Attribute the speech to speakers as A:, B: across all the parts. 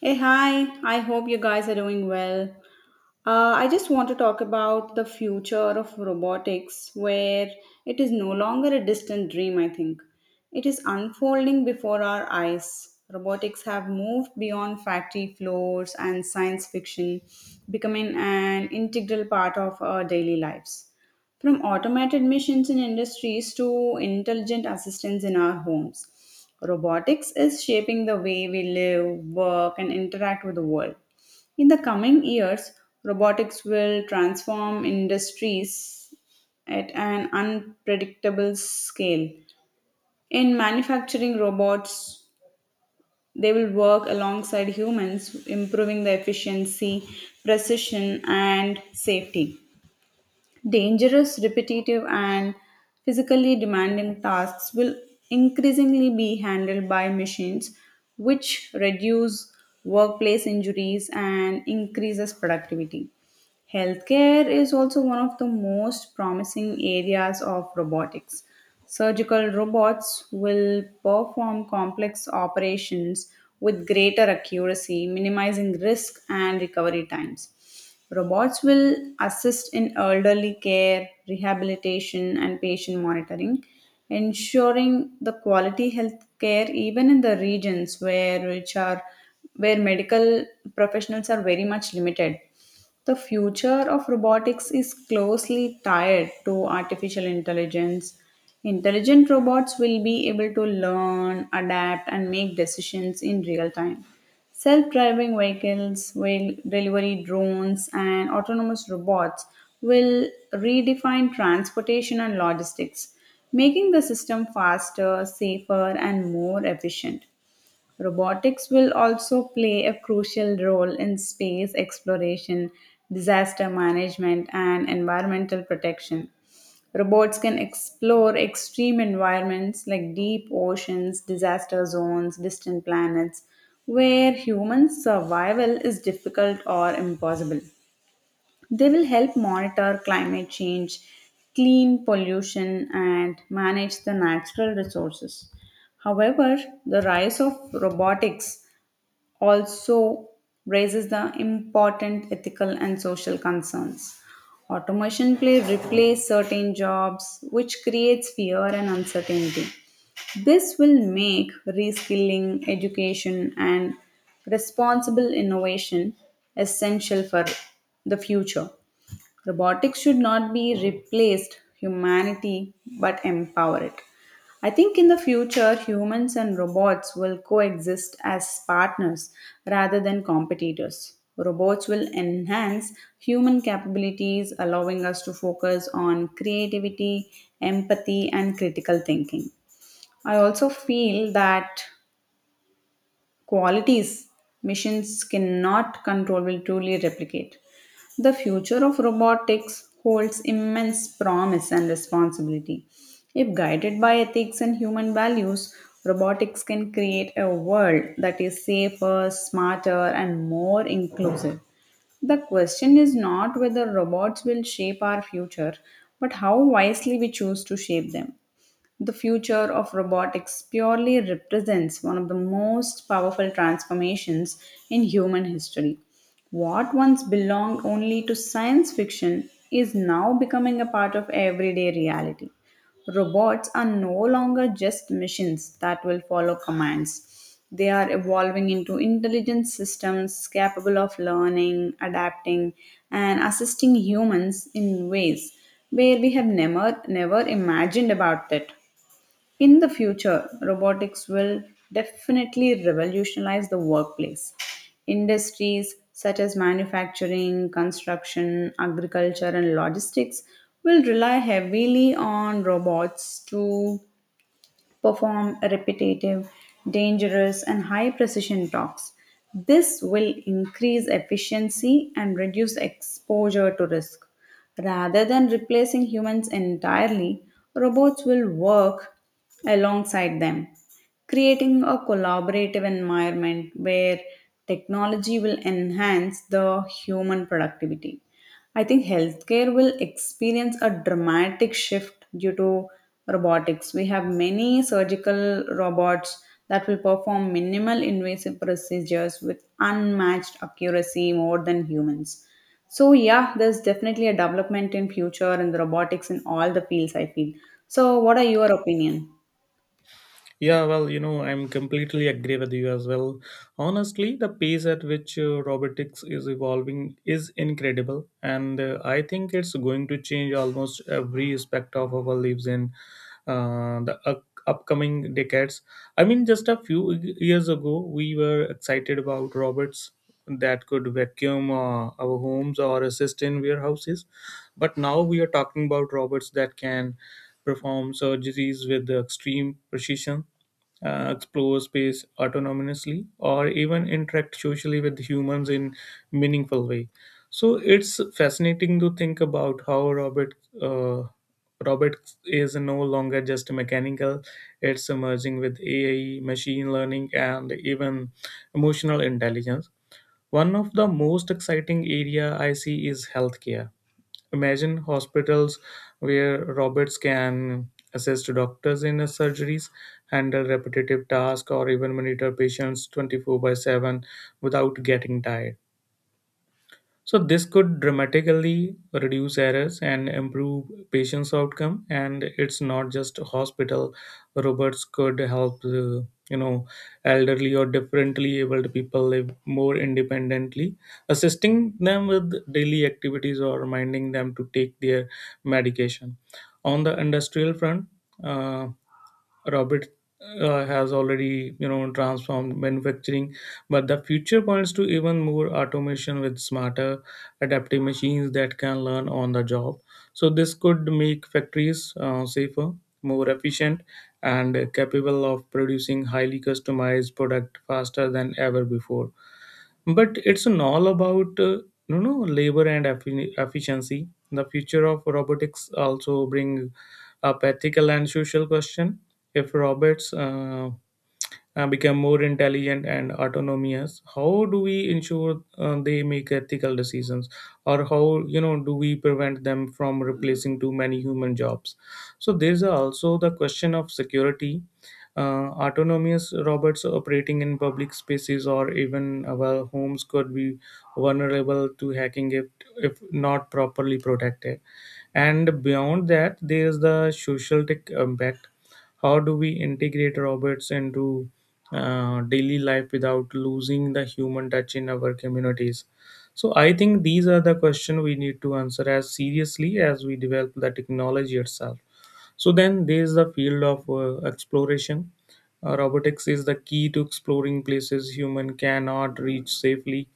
A: Hey, hi. I hope you guys are doing well. I just want to talk about the future of robotics, where it is no longer a distant dream, I think. It is unfolding before our eyes. Robotics have moved beyond factory floors and science fiction, becoming an integral part of our daily lives. From automated missions in industries to intelligent assistants in our homes, robotics is shaping the way we live, work, and interact with the world. In the coming years, robotics will transform industries at an unpredictable scale. In manufacturing robots, they will work alongside humans, improving the efficiency, precision, and safety. Dangerous, repetitive, and physically demanding tasks will increasingly be handled by machines, which reduce workplace injuries and increases productivity. Healthcare is also one of the most promising areas of robotics. Surgical robots will perform complex operations with greater accuracy, minimizing risk and recovery times. Robots will assist in elderly care, rehabilitation, and patient monitoring, ensuring the quality health care even in the regions where medical professionals are very much limited. The future of robotics is closely tied to artificial intelligence. Intelligent robots will be able to learn, adapt, and make decisions in real time. Self driving vehicles, will delivery drones, and autonomous robots will redefine transportation and logistics, making the system faster, safer, and more efficient. Robotics will also play a crucial role in space exploration, disaster management, and environmental protection. Robots can explore extreme environments like deep oceans, disaster zones, distant planets, where human survival is difficult or impossible. They will help monitor climate change, clean pollution, and manage the natural resources. However, the rise of robotics also raises the important ethical and social concerns. Automation may replace certain jobs, which creates fear and uncertainty. This will make reskilling, education, and responsible innovation essential for the future. Robotics should not be replaced humanity but empower it. I think in the future, humans and robots will coexist as partners rather than competitors. Robots will enhance human capabilities, allowing us to focus on creativity, empathy, and critical thinking. I also feel that qualities machines cannot control will truly replicate. The future of robotics holds immense promise and responsibility. If guided by ethics and human values, robotics can create a world that is safer, smarter, and more inclusive. The question is not whether robots will shape our future, but how wisely we choose to shape them. The future of robotics purely represents one of the most powerful transformations in human history. What once belonged only to science fiction is now becoming a part of everyday reality. Robots are no longer just machines that will follow commands. They are evolving into intelligent systems capable of learning, adapting, and assisting humans in ways where we have never imagined about it. In the future, robotics will definitely revolutionize the workplace. Industries such as manufacturing, construction, agriculture, and logistics will rely heavily on robots to perform repetitive, dangerous, and high precision talks. This will increase efficiency and reduce exposure to risk. Rather than replacing humans entirely, robots will work alongside them, creating a collaborative environment where technology will enhance the human productivity. I think healthcare will experience a dramatic shift due to robotics. We have many surgical robots that will perform minimal invasive procedures with unmatched accuracy more than humans. So yeah, there's definitely a development in future in the robotics in all the fields I feel. So what are your opinion?
B: Yeah, well, you know, I'm completely agree with you as well. Honestly, the pace at which robotics is evolving is incredible, and I think it's going to change almost every aspect of our lives in the upcoming decades. I mean, just a few years ago, we were excited about robots that could vacuum our homes or assist in warehouses, but now we are talking about robots that can perform surgeries with extreme precision explore space autonomously, or even interact socially with humans in meaningful way. So it's fascinating to think about how uh, Robert is no longer just mechanical; it's emerging with AI, machine learning, and even emotional intelligence. One of the most exciting area I see is healthcare. Imagine hospitals where robots can assist doctors in surgeries, handle repetitive tasks, or even monitor patients 24 by 7 without getting tired. So this could dramatically reduce errors and improve patients' outcome. And it's not just hospital. Robots could help, you know, elderly or differently abled people live more independently, assisting them with daily activities or reminding them to take their medication. On the industrial front, uh, Robert has already transformed manufacturing, but the future points to even more automation with smarter, adaptive machines that can learn on the job. So this could make factories safer, more efficient, and capable of producing highly customized product faster than ever before. But it's an all about labor and efficiency. The future of robotics also bring up ethical and social question. If robots become more intelligent and autonomous, how do we ensure they make ethical decisions, or how do we prevent them from replacing too many human jobs? So there's also the question of security. Uh, autonomous robots operating in public spaces or even our homes could be vulnerable to hacking if not properly protected. And beyond that there is the social tech impact. How do we integrate robots into daily life without losing the human touch in our communities? So I think these are the questions we need to answer as seriously as we develop the technology itself. So then there is the field of exploration. Robotics is the key to exploring places human cannot reach safely,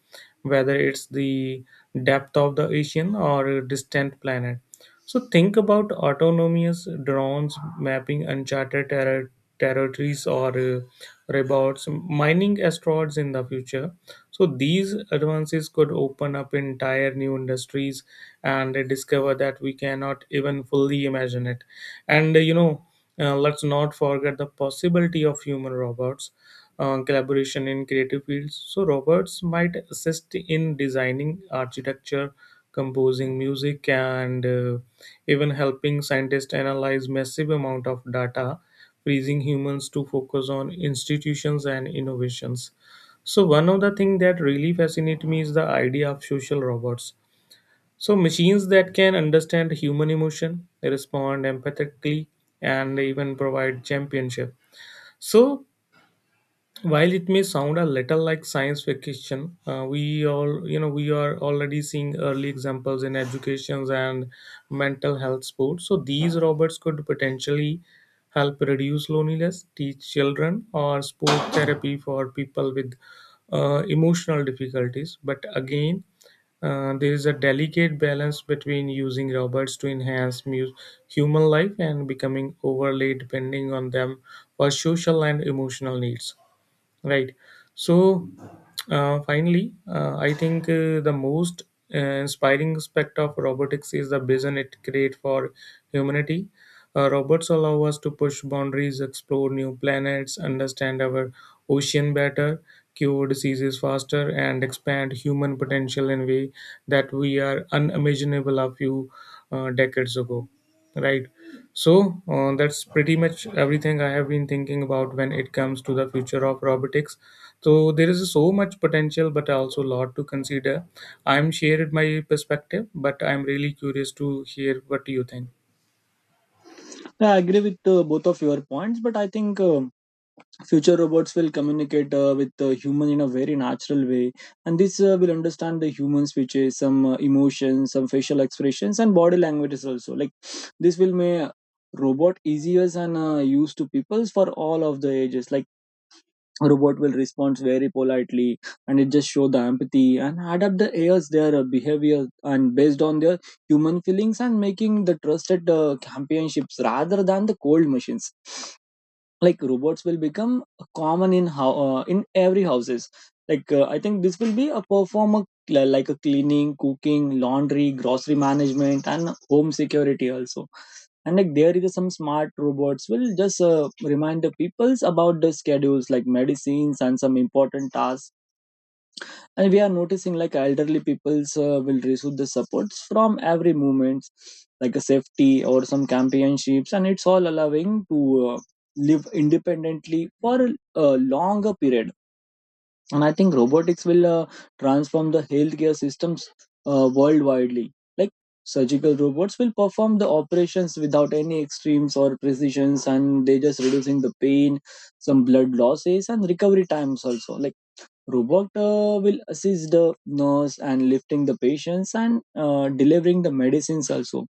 B: whether it's the depth of the ocean or a distant planet. So think about autonomous drones mapping territories or robots mining asteroids in the future. So these advances could open up entire new industries and discover that we cannot even fully imagine it. And let's not forget the possibility of human robots collaboration in creative fields. So robots might assist in designing architecture, composing music, and even helping scientists analyze massive amount of data, freezing humans to focus on institutions and innovations. So one of the thing that really fascinates me is the idea of social robots, so machines that can understand human emotion, respond empathetically, and even provide championship. So, while it may sound a little like science fiction, we all we are already seeing early examples in educations and mental health sports. So, these robots could potentially help reduce loneliness, teach children, or sport therapy for people with emotional difficulties. But again, there is a delicate balance between using robots to enhance human life and becoming overly depending on them for social and emotional needs. Right. So, finally, I think the most inspiring aspect of robotics is the vision it creates for humanity. Robots allow us to push boundaries, explore new planets, understand our ocean better, cure diseases faster, and expand human potential in a way that we are unimaginable a few decades ago. Right. So that's pretty much everything I have been thinking about when it comes to the future of robotics. So there is so much potential, but also a lot to consider. I'm shared my perspective, but I'm really curious to hear what you think.
C: Yeah, I agree with both of your points, but I think future robots will communicate with human in a very natural way, and this will understand the humans, which is some emotions, some facial expressions, and body languages also. Like this will make robot easier and used to peoples for all of the ages. Like robot will respond very politely and it just show the empathy and adapt the AI's their behavior and based on their human feelings and making the trusted companionships rather than the cold machines. Like robots will become common in how in every houses. Like I think this will be a performer like a cleaning cooking laundry grocery management and home security also. And like there is some smart robots will just remind the peoples about the schedules like medicines and some important tasks. And we are noticing like elderly peoples will receive the supports from every movement like a safety or some championships and it's all allowing to live independently for a longer period. And I think robotics will transform the healthcare systems worldwidely. Like surgical robots will perform the operations without any extremes or precisions and they just reducing the pain some blood losses and recovery times also. Like robot will assist the nurse and lifting the patients and delivering the medicines also.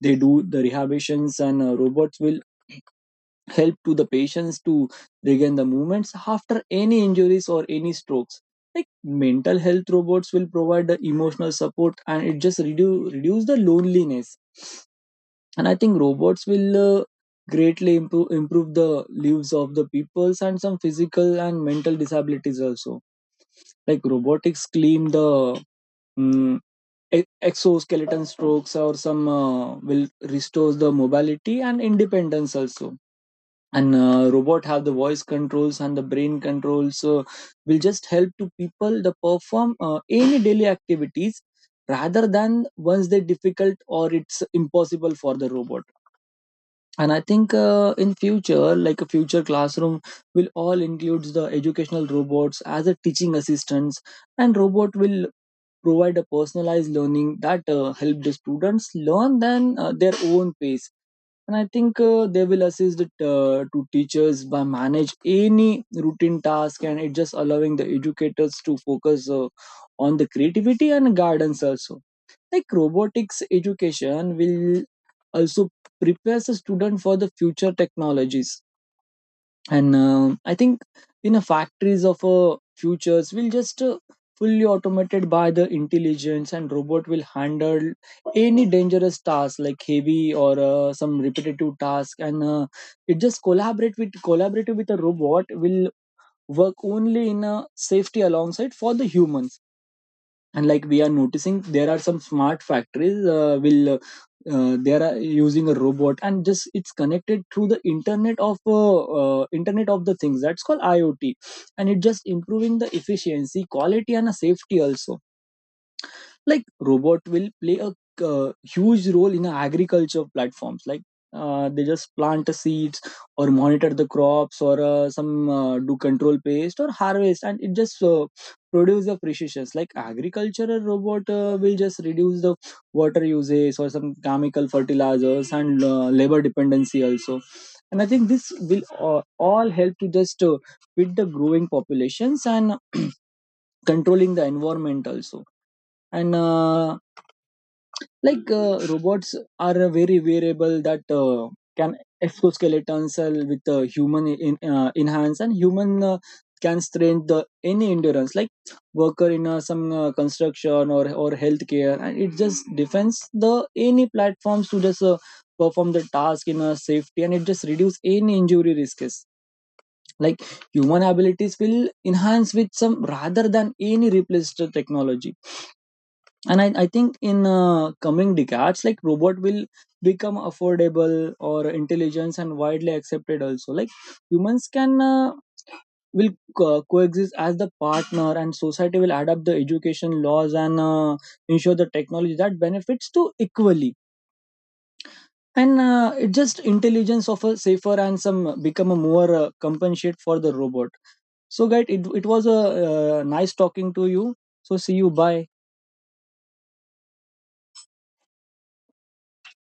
C: They do the rehabitions and robots will help to the patients to regain the movements after any injuries or any strokes. Like mental health robots will provide the emotional support and it just reduce the loneliness. And I think robots will greatly improve the lives of the peoples and some physical and mental disabilities also. Like robotics claim the mm, exoskeleton strokes or some will restore the mobility and independence also. And robot have the voice controls and the brain controls will just help to people the perform any daily activities rather than once they difficult or it's impossible for the robot. And I think in future like a future classroom will all includes the educational robots as a teaching assistants. And robot will provide a personalized learning that help the students learn then their own pace. And I think they will assist the to teachers by manage any routine task and it just allowing the educators to focus on the creativity and guidance also. Like robotics education will also prepares a student for the future technologies. And I think in a factories of futures will just fully automated by the intelligence and robot will handle any dangerous task like heavy or some repetitive task and it just collaborate with collaborative with a robot will work only in a safety alongside for the humans. And like we are noticing there are some smart factories will they are using a robot and just it's connected through the internet of the things that's called IOT. And it just improving the efficiency quality and a safety also. Like robot will play a huge role in agriculture platforms. Like they just plant the seeds or monitor the crops or some do control pest or harvest and it just produce the precisions. Like agricultural robot will just reduce the water usage or some chemical fertilizers and labor dependency also. And I think this will all help to just fit the growing populations and controlling the environment also. And like robots are a very variable that can exoskeletons with human in hands and human can strain the any endurance like worker in some construction or healthcare and it just defends the any platforms to just perform the task in a safety and it just reduce any injury risks. Like human abilities will enhance with some rather than any replaced technology. And I think in coming decades like robot will become affordable or intelligence and widely accepted also. Like humans can will coexist as the partner and society will adapt the education laws and ensure the technology that benefits to equally. And it just intelligence of a safer and some become a more compensate for the robot. So guys it was a nice talking to you, so see you, bye.